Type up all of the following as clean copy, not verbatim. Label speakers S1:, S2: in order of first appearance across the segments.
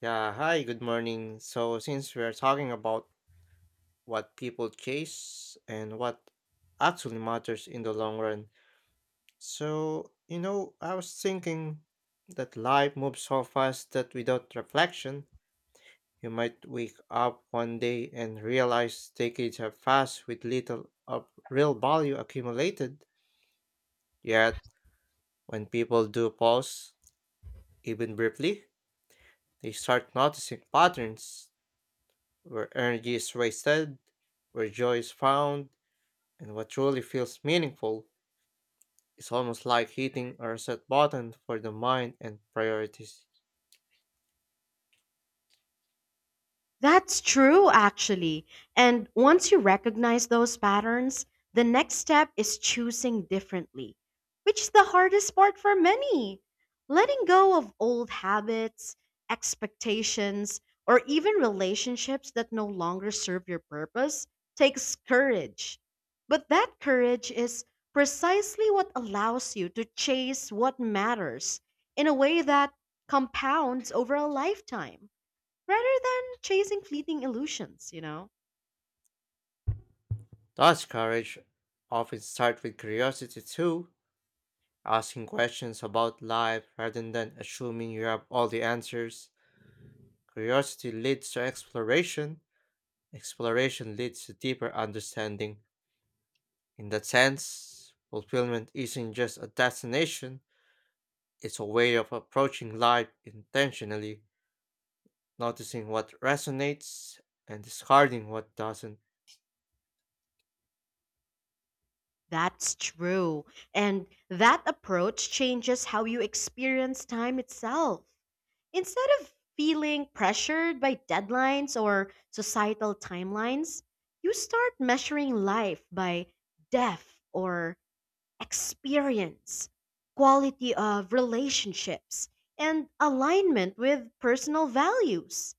S1: Yeah, hi, good morning. So, since we're talking about what people chase and what actually matters in the long run, I was thinking that life moves so fast that without reflection, you might wake up one day and realize decades have passed with little of real value accumulated. Yet, when people do pause, even briefly, they start noticing patterns where energy is wasted, where joy is found, and what truly feels meaningful. It's almost like hitting a reset button for the mind and priorities.
S2: That's true, actually. And once you recognize those patterns, the next step is choosing differently, which is the hardest part for many. Letting go of old habits, expectations, or even relationships that no longer serve your purpose takes courage. But that courage is precisely what allows you to chase what matters in a way that compounds over a lifetime rather than chasing fleeting illusions?
S1: Thus, courage often starts with curiosity too, asking questions about life rather than assuming you have all the answers. Curiosity leads to exploration, exploration leads to deeper understanding. In that sense, fulfillment isn't just a destination, it's a way of approaching life intentionally, noticing what resonates and discarding what doesn't.
S2: That's true. And that approach changes how you experience time itself. Instead of feeling pressured by deadlines or societal timelines, you start measuring life by depth or experience, quality of relationships, and alignment with personal values.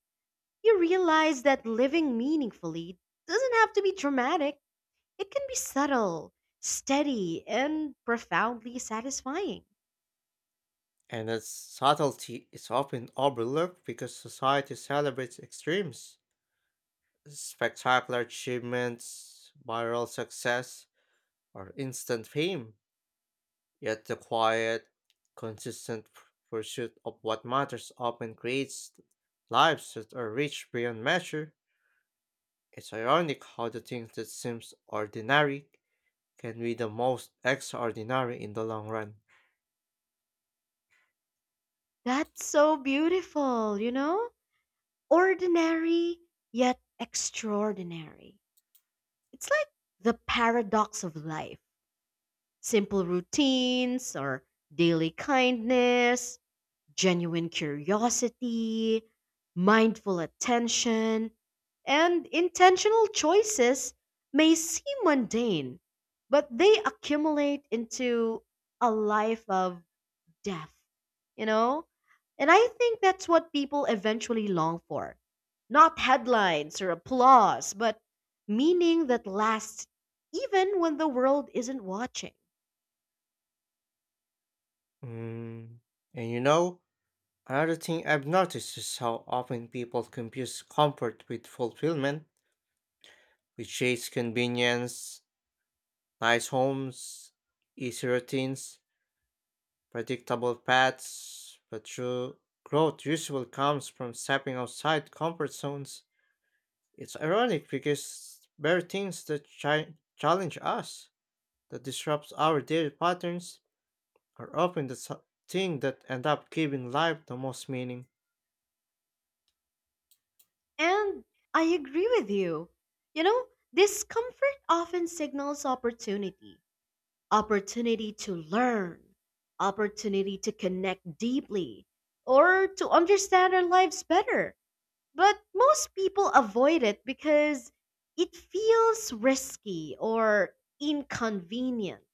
S2: You realize that living meaningfully doesn't have to be dramatic. It can be subtle, steady, and profoundly satisfying.
S1: And that subtlety is often overlooked because society celebrates extremes, spectacular achievements, viral success, or instant fame. Yet the quiet, consistent p- pursuit of what matters often creates lives that are rich beyond measure. It's ironic how the things that seems ordinary can be the most extraordinary in the long run.
S2: That's so beautiful? Ordinary, yet extraordinary. It's like the paradox of life, simple routines or daily kindness, genuine curiosity, mindful attention, and intentional choices may seem mundane, but they accumulate into a life of depth, you know? And I think that's what people eventually long for. Not headlines or applause, but meaning that lasts even when the world isn't watching.
S1: Mm. And you know, another thing I've noticed is how often people confuse comfort with fulfillment, which chase convenience, nice homes, easy routines, predictable paths, but true growth usually comes from stepping outside comfort zones. It's ironic because there are things that challenge us, that disrupts our daily patterns, are often the thing that end up giving life the most meaning.
S2: And I agree with you. You know, Discomfort often signals opportunity, opportunity to learn, opportunity to connect deeply, or to understand our lives better. But most people avoid it because it feels risky or inconvenient.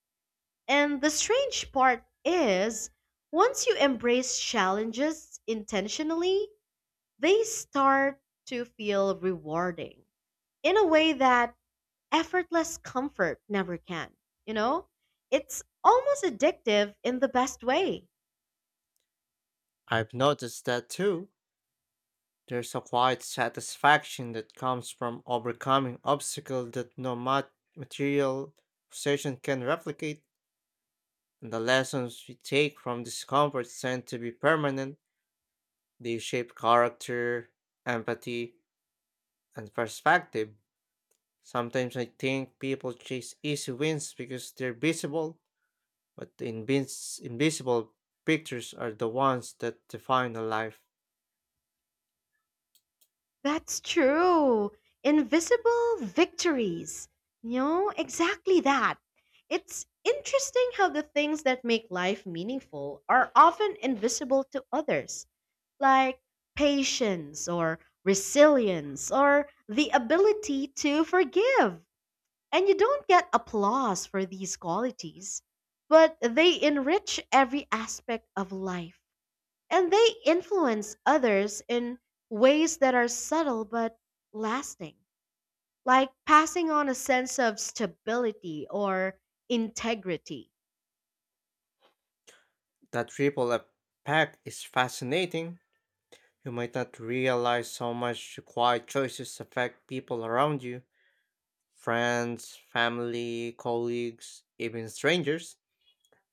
S2: And the strange part is, once you embrace challenges intentionally, they start to feel rewarding in a way that effortless comfort never can. You know, it's almost addictive in the best way.
S1: I've noticed that too. There's a quiet satisfaction that comes from overcoming obstacles that no mat- material possession can replicate, and the lessons we take from discomfort tend to be permanent. They shape character, empathy, and perspective. Sometimes I think people chase easy wins because they're visible, but the invisible pictures are the ones that define a life.
S2: That's true. Invisible victories. Exactly that. It's interesting how the things that make life meaningful are often invisible to others, like patience or resilience or the ability to forgive. And you don't get applause for these qualities, but they enrich every aspect of life. And they influence others in ways that are subtle but lasting, like passing on a sense of stability or integrity.
S1: That ripple effect is fascinating. You might not realize how much your quiet choices affect people around you, friends, family, colleagues, even strangers.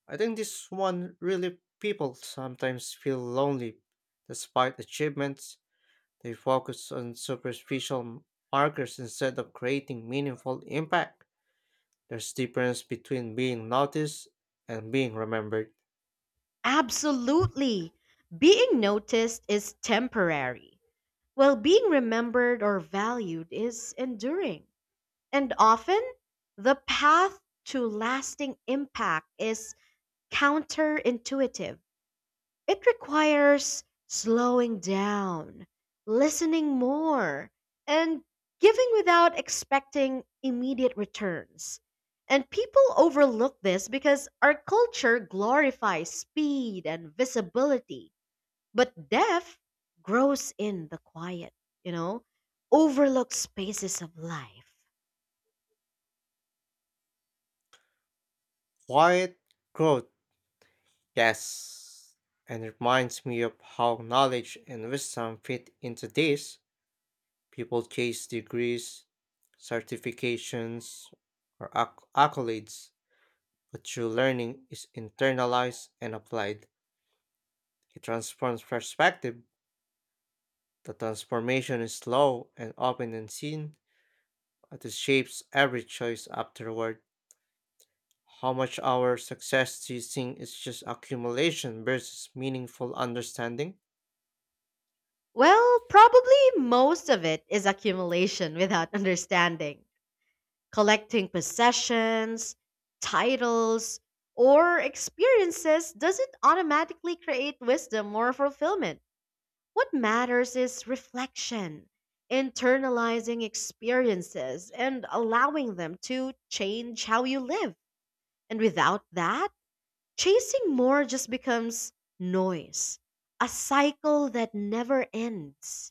S1: I think this one really people sometimes feel lonely despite achievements. They focus on superficial markers instead of creating meaningful impact. There's difference between being noticed and being remembered.
S2: Absolutely. Being noticed is temporary, while being remembered or valued is enduring. And often, the path to lasting impact is counterintuitive. It requires slowing down, listening more, and giving without expecting immediate returns. And people overlook this because our culture glorifies speed and visibility, but depth grows in the quiet, you know, overlooked spaces of life.
S1: Quiet growth, yes. And it reminds me of how knowledge and wisdom fit into this. People chase degrees, certifications, or accolades, but true learning is internalized and applied. It transforms perspective. The transformation is slow and often unseen, but it shapes every choice afterward. How much our success do you think is just accumulation versus meaningful understanding?
S2: Well, probably most of it is accumulation without understanding. Collecting possessions, titles, or experiences doesn't automatically create wisdom or fulfillment. What matters is reflection, internalizing experiences, and allowing them to change how you live. And without that, chasing more just becomes noise, a cycle that never ends.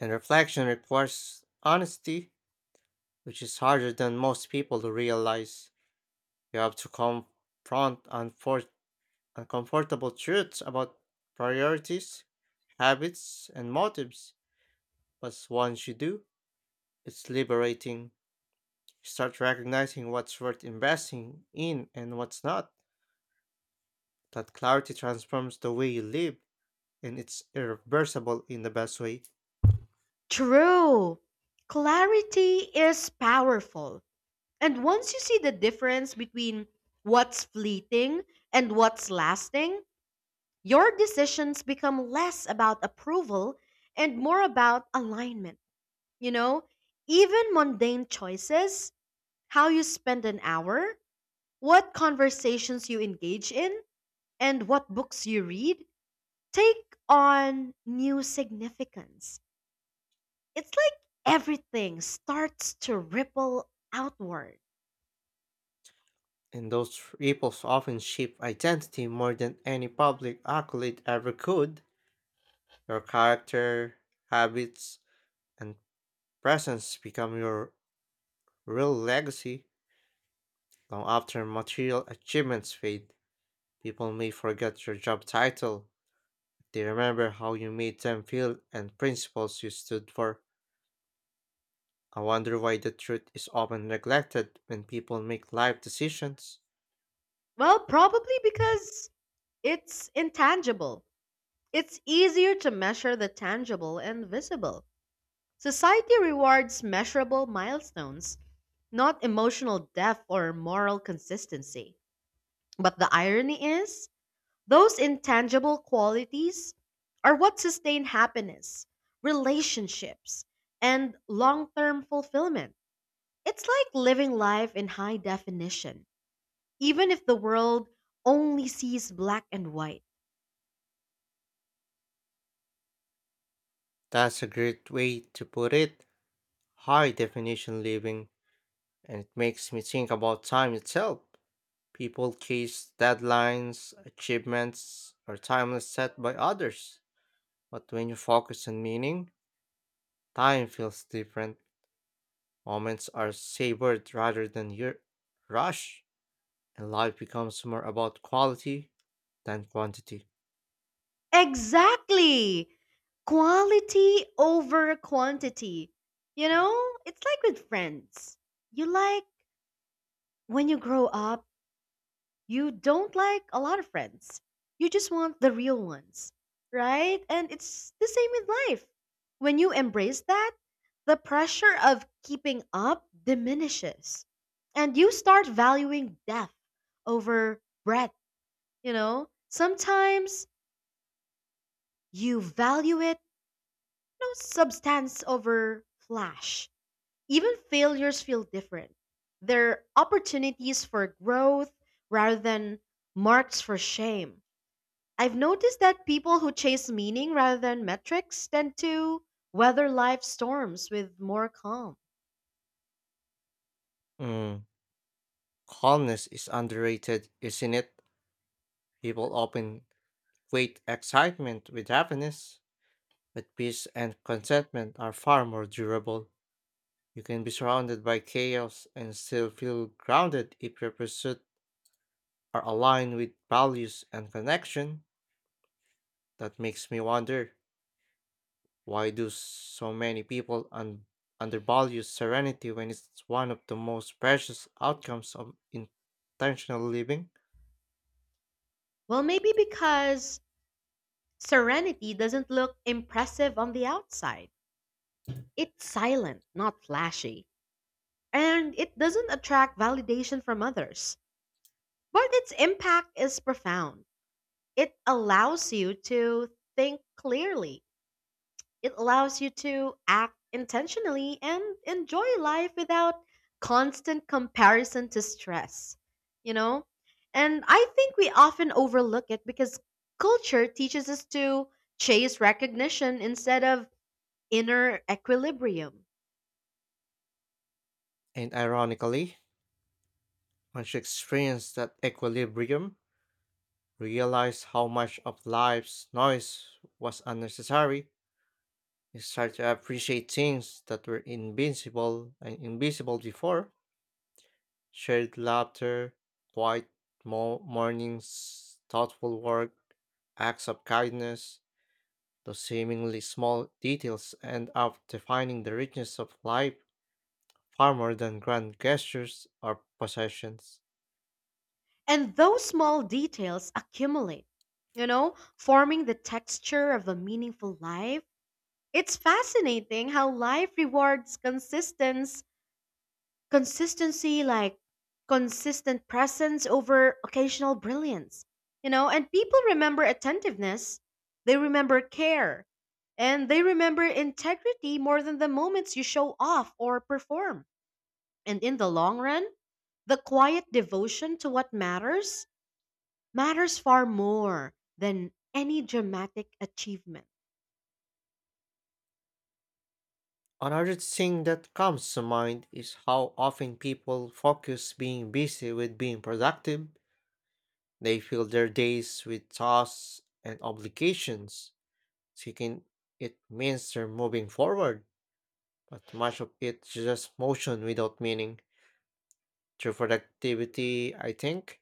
S1: And reflection requires honesty, which is harder than most people to realize. You have to confront uncomfortable truths about priorities, habits, and motives. But once you do, it's liberating. You start recognizing what's worth investing in and what's not. That clarity transforms the way you live and it's irreversible in the best way.
S2: True, clarity is powerful. And once you see the difference between what's fleeting and what's lasting, your decisions become less about approval and more about alignment. You know, even mundane choices, how you spend an hour, what conversations you engage in, and what books you read, take on new significance. It's like everything starts to ripple outward.
S1: And those ripples often shape identity more than any public accolade ever could. Your character, habits, and presence become your real legacy. Long after material achievements fade, people may forget your job title. They remember how you made them feel and principles you stood for. I wonder why the truth is often neglected when people make life decisions.
S2: Well, probably because it's intangible. It's easier to measure the tangible and visible. Society rewards measurable milestones, not emotional depth or moral consistency. But the irony is, those intangible qualities are what sustain happiness, relationships, and long term fulfillment. It's like living life in high definition, even if the world only sees black and white.
S1: That's a great way to put it. High definition living, and it makes me think about time itself. People chase deadlines, achievements, or timelines set by others. But when you focus on meaning, time feels different. Moments are savored rather than your rush, and life becomes more about quality than quantity.
S2: Exactly. Quality over quantity. You know, it's like with friends. You like, when you grow up, you don't like a lot of friends. You just want the real ones, right? And it's the same with life. When you embrace that, the pressure of keeping up diminishes. And you start valuing depth over breadth? Sometimes you value it. No substance over flash. Even failures feel different. They're opportunities for growth rather than marks for shame. I've noticed that people who chase meaning rather than metrics tend to weather life storms with more calm.
S1: Mm. Calmness is underrated, isn't it? People often equate excitement with happiness. But peace and contentment are far more durable. You can be surrounded by chaos and still feel grounded if your pursuits are aligned with values and connection. That makes me wonder, why do so many people undervalue serenity when it's one of the most precious outcomes of intentional living?
S2: Well, maybe because serenity doesn't look impressive on the outside. It's silent, not flashy, and it doesn't attract validation from others. But its impact is profound. It allows you to think clearly. It allows you to act intentionally and enjoy life without constant comparison to stress, you know? And I think we often overlook it because culture teaches us to chase recognition instead of inner equilibrium.
S1: And ironically, once you experience that equilibrium, realize how much of life's noise was unnecessary. You start to appreciate things that were invincible and invisible before, shared laughter, quiet mornings, thoughtful work, acts of kindness. Those seemingly small details end up defining the richness of life far more than grand gestures or possessions.
S2: And those small details accumulate, forming the texture of a meaningful life. It's fascinating how life rewards consistency, like consistent presence over occasional brilliance. And people remember attentiveness, they remember care, and they remember integrity more than the moments you show off or perform. And in the long run, the quiet devotion to what matters matters far more than any dramatic achievement.
S1: Another thing that comes to mind is how often people focus being busy with being productive. They fill their days with tasks and obligations, thinking it means they're moving forward, but much of it's just motion without meaning. True productivity, I think,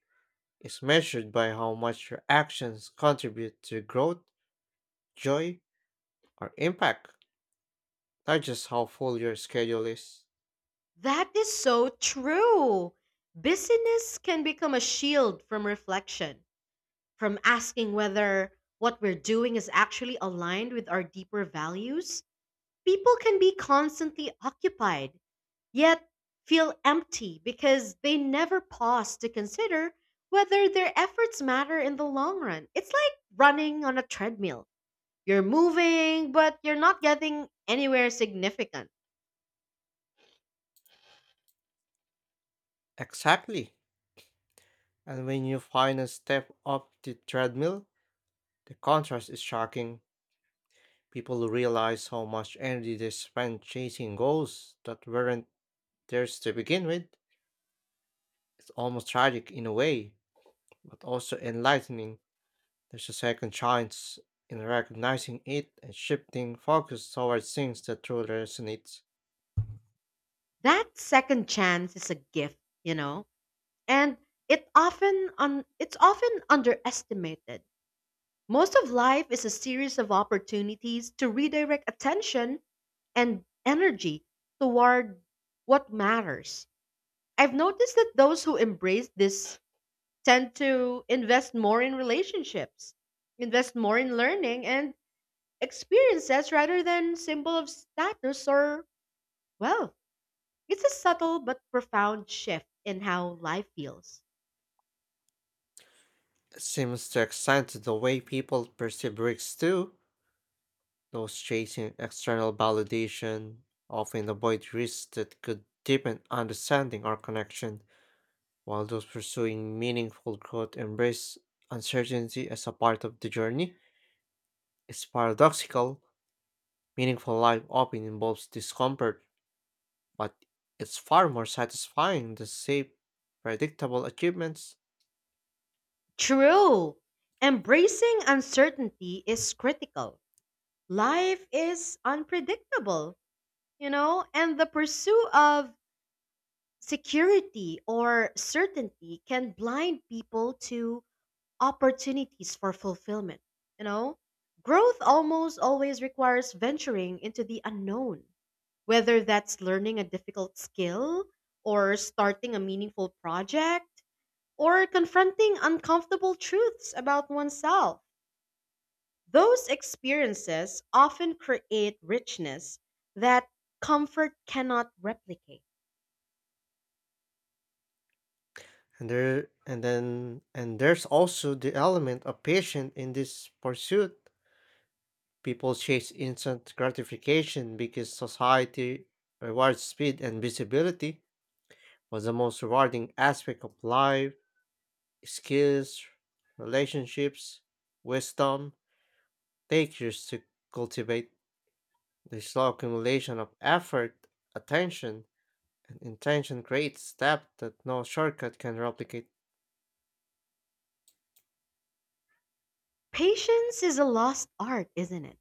S1: is measured by how much your actions contribute to growth, joy, or impact, not just how full your schedule is.
S2: That is so true. Busyness can become a shield from reflection, from asking whether what we're doing is actually aligned with our deeper values. People can be constantly occupied, yet feel empty because they never pause to consider whether their efforts matter in the long run. It's like running on a treadmill. You're moving, but you're not getting anywhere significant.
S1: Exactly. And when you find a step up the treadmill, the contrast is shocking. People realize how much energy they spend chasing goals that weren't theirs to begin with. It's almost tragic in a way, but also enlightening. There's a second chance in recognizing it and shifting focus towards things that truly resonate.
S2: That second chance is a gift, you know? And it's often underestimated. Most of life is a series of opportunities to redirect attention and energy toward what matters. I've noticed that those who embrace this tend to invest more in relationships, invest more in learning and experiences rather than symbol of status or wealth. It's a subtle but profound shift in how life feels.
S1: It seems to extend to the way people perceive risks too. Those chasing external validation often avoid risks that could deepen understanding or connection, while those pursuing meaningful growth embrace uncertainty as a part of the journey. It's paradoxical, meaningful life often involves discomfort, but it's far more satisfying than safe, predictable achievements.
S2: True. Embracing uncertainty is critical. Life is unpredictable, and the pursuit of security or certainty can blind people to opportunities for fulfillment, you know. Growth almost always requires venturing into the unknown, whether that's learning a difficult skill or starting a meaningful project or confronting uncomfortable truths about oneself. Those experiences often create richness that comfort cannot replicate.
S1: And there's also the element of patience in this pursuit. People chase instant gratification because society rewards speed and visibility, but the most rewarding aspect of life, skills, relationships, wisdom, take years to cultivate. The slow accumulation of effort, attention, and intention creates depth that no shortcut can replicate.
S2: Patience is a lost art, isn't it?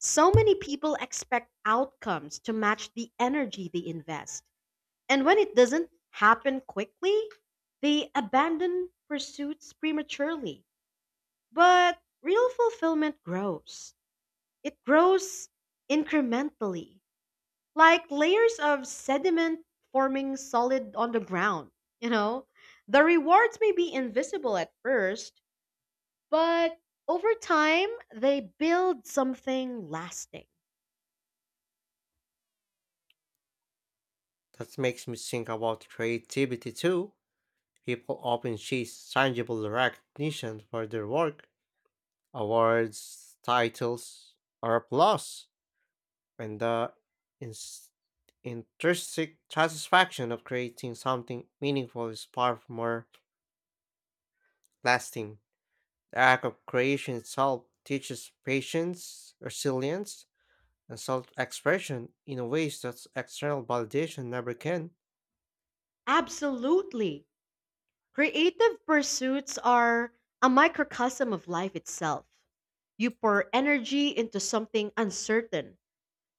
S2: So many people expect outcomes to match the energy they invest. And when it doesn't happen quickly, they abandon pursuits prematurely. But real fulfillment grows incrementally, like layers of sediment forming solid on the ground. You know, the rewards may be invisible at first, but over time, they build something lasting.
S1: That makes me think about creativity too. People often chase tangible recognition for their work, awards, titles, or applause, and the ins- intrinsic satisfaction of creating something meaningful is far more lasting. The act of creation itself teaches patience, resilience, and self expression in ways that external validation never can.
S2: Absolutely. Creative pursuits are a microcosm of life itself. You pour energy into something uncertain,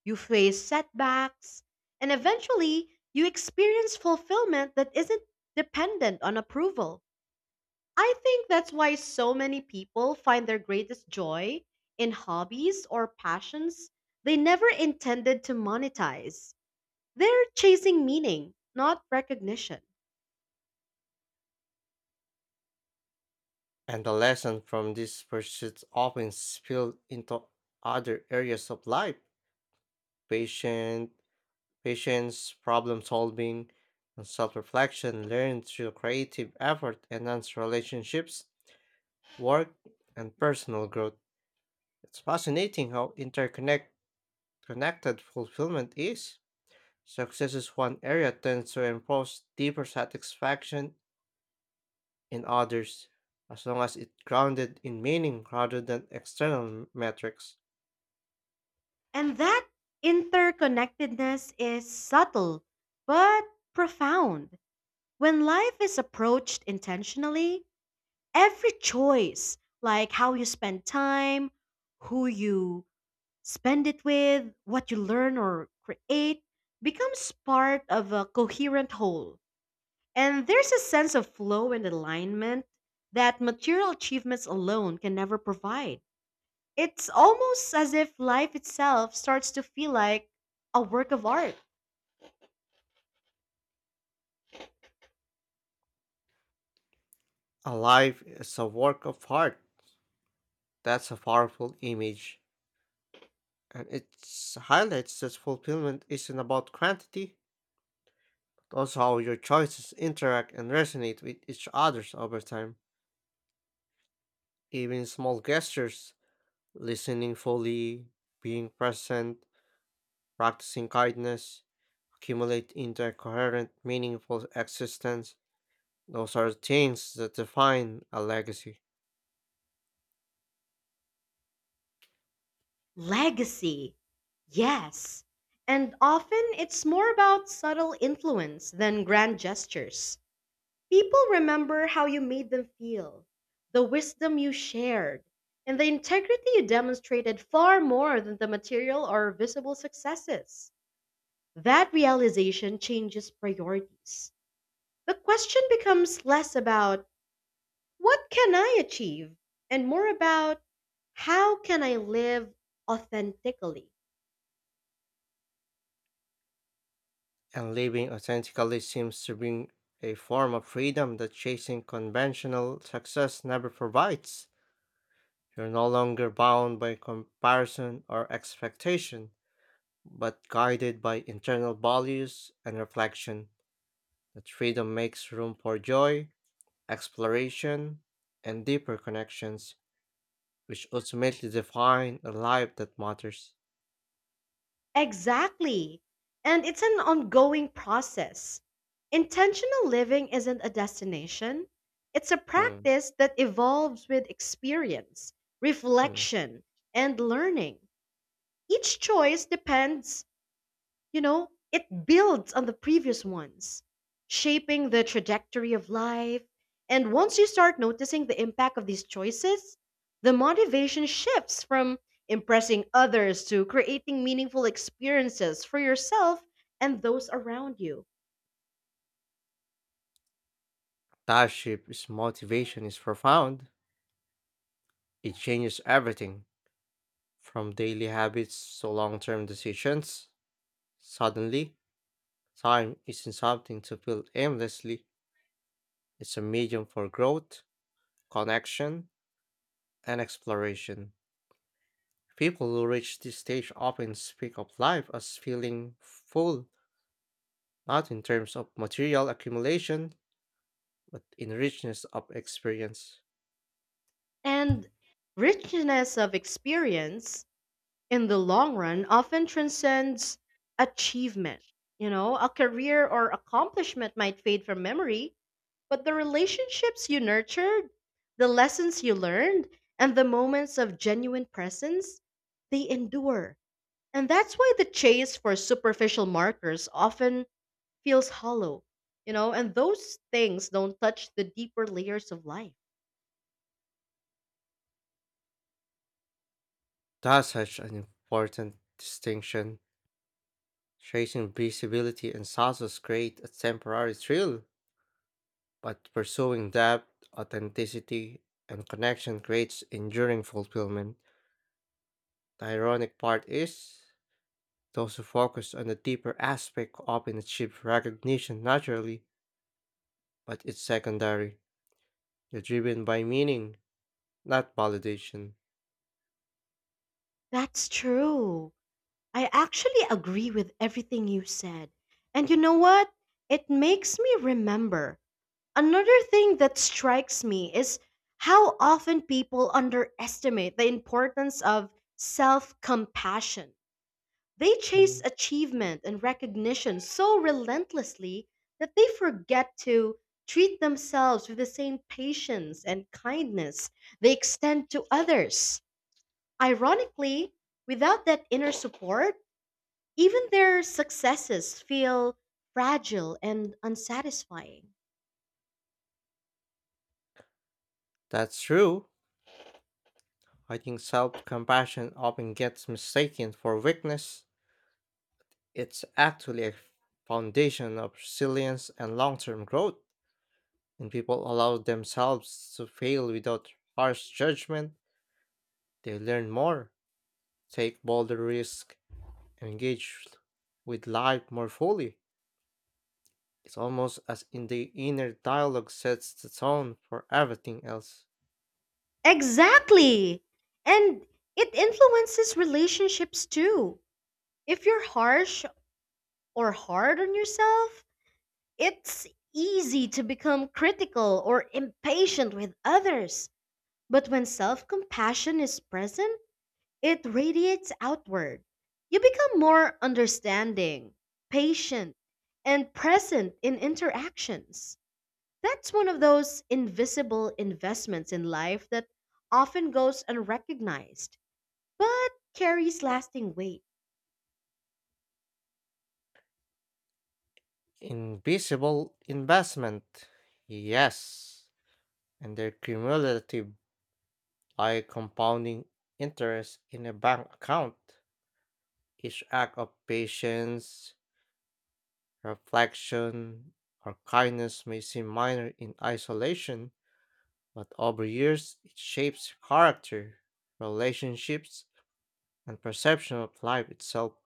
S2: you face setbacks, and eventually you experience fulfillment that isn't dependent on approval. I think that's why so many people find their greatest joy in hobbies or passions they never intended to monetize. They're chasing meaning, not recognition.
S1: And the lesson from this pursuit often spills into other areas of life, patient, patience, problem solving, and self reflection learned through creative effort enhance relationships, work, and personal growth. It's fascinating how interconnected fulfillment is. Success in one area tends to enforce deeper satisfaction in others, as long as it's grounded in meaning rather than external metrics.
S2: And that interconnectedness is subtle but profound. When life is approached intentionally, every choice, like how you spend time, who you spend it with, what you learn or create, becomes part of a coherent whole. And there's a sense of flow and alignment that material achievements alone can never provide. It's almost as if life itself starts to feel like a work of art.
S1: A life is a work of art. That's a powerful image. And it highlights that fulfillment isn't about quantity, but also how your choices interact and resonate with each other over time. Even small gestures, listening fully, being present, practicing kindness, accumulate into a coherent, meaningful existence. Those are things that define a legacy.
S2: Legacy, yes. And often it's more about subtle influence than grand gestures. People remember how you made them feel, the wisdom you shared, and the integrity you demonstrated far more than the material or visible successes. That realization changes priorities. The question becomes less about what can I achieve and more about how can I live authentically.
S1: And living authentically seems to bring a form of freedom that chasing conventional success never provides. You're no longer bound by comparison or expectation, but guided by internal values and reflection. That freedom makes room for joy, exploration, and deeper connections, which ultimately define a life that matters.
S2: Exactly. And it's an ongoing process. Intentional living isn't a destination, it's a
S1: Mm,
S2: practice that evolves with experience,
S1: mm.
S2: reflection, and learning. Each choice depends, it builds on the previous ones, shaping the trajectory of life. And once you start noticing the impact of these choices, the motivation shifts from impressing others to creating meaningful experiences for yourself and those around you.
S1: Taship's motivation is profound. It changes everything from daily habits to long term decisions. Suddenly, time isn't something to fill aimlessly, it's a medium for growth, connection, and exploration. People who reach this stage often speak of life as feeling full, not in terms of material accumulation, but in richness of experience.
S2: And richness of experience in the long run often transcends achievement. You know, a career or accomplishment might fade from memory. But the relationships you nurtured, the lessons you learned, and the moments of genuine presence, they endure. And that's why the chase for superficial markers often feels hollow, and those things don't touch the deeper layers of life.
S1: That's such an important distinction. Chasing visibility and success create a temporary thrill, but pursuing depth, authenticity, and connection creates enduring fulfillment. The ironic part is, those who focus on the deeper aspect often achieve recognition naturally, but it's secondary. They're driven by meaning, not validation.
S2: That's true. I actually agree with everything you said. And you know what? It makes me remember. Another thing that strikes me is how often people underestimate the importance of self compassion. They chase
S1: Mm.
S2: achievement and recognition so relentlessly that they forget to treat themselves with the same patience and kindness they extend to others. Ironically, without that inner support, even their successes feel fragile and unsatisfying.
S1: That's true. I think self compassion often gets mistaken for weakness. It's actually a foundation of resilience and long term growth. When people allow themselves to fail without harsh judgment, they learn more, take bolder risks, and engage with life more fully. It's almost as in the inner dialogue sets the tone for everything else.
S2: Exactly. And it influences relationships too. If you're harsh or hard on yourself, it's easy to become critical or impatient with others. But when self compassion is present, it radiates outward. You become more understanding, patient, and present in interactions. That's one of those invisible investments in life that often goes unrecognized but carries lasting weight.
S1: Invisible investment, yes, and their cumulative by compounding interest in a bank account. Each act of patience, reflection, or kindness may seem minor in isolation, but over years it shapes character, relationships, and perception of life itself.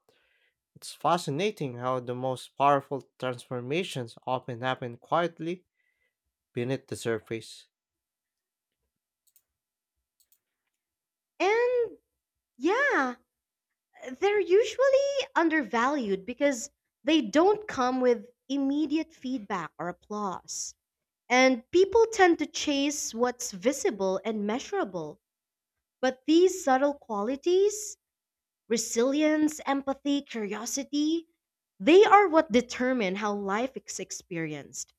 S1: It's fascinating how the most powerful transformations often happen quietly beneath the surface.
S2: And yeah, they're usually undervalued because they don't come with immediate feedback or applause. And people tend to chase what's visible and measurable. But these subtle qualities, resilience, empathy, curiosity, they are what determine how life is experienced.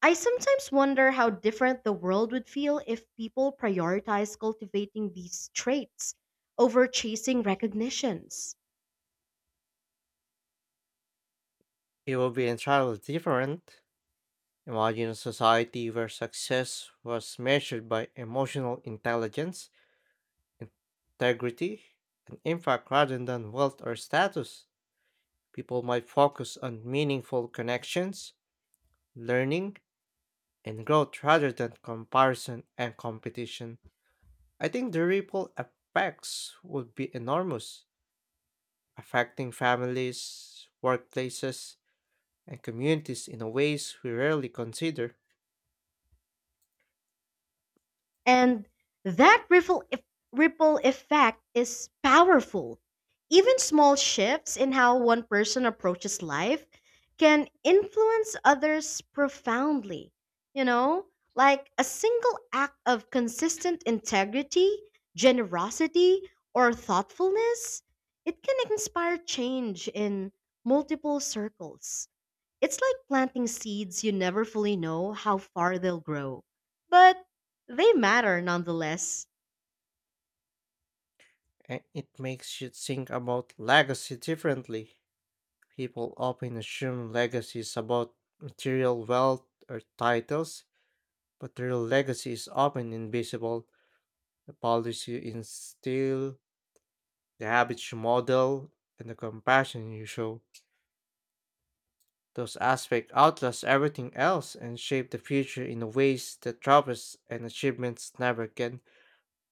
S2: I sometimes wonder how different the world would feel if people prioritized cultivating these traits over chasing recognitions.
S1: It would be entirely different. Imagine a society where success was measured by emotional intelligence, integrity, and impact rather than wealth or status. People might focus on meaningful connections, learning, and growth rather than comparison and competition. I think the ripple effects would be enormous, affecting families, workplaces, and communities in ways we rarely consider,
S2: And that ripple effect is powerful. Even small shifts in how one person approaches life can influence others profoundly. You know, like a single act of consistent integrity, generosity, or thoughtfulness, it can inspire change in multiple circles. It's like planting seeds you never fully know how far they'll grow. But they matter nonetheless.
S1: and it makes you think about legacy differently. People often assume legacies about material wealth or titles, but their legacy is often invisible. The policy you instill, the habits you model, and the compassion you show. Those aspects outlast everything else and shape the future in ways that travels and achievements never can.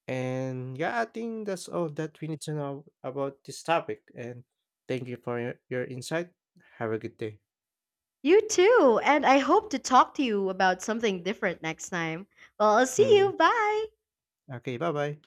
S1: And yeah, I think that's all that we need to know about this topic. And thank you for your insight. Have a good day.
S2: You too, and I hope to talk to you about something different next time. Well, I'll see
S1: Mm.
S2: you. Bye.
S1: Okay, bye bye.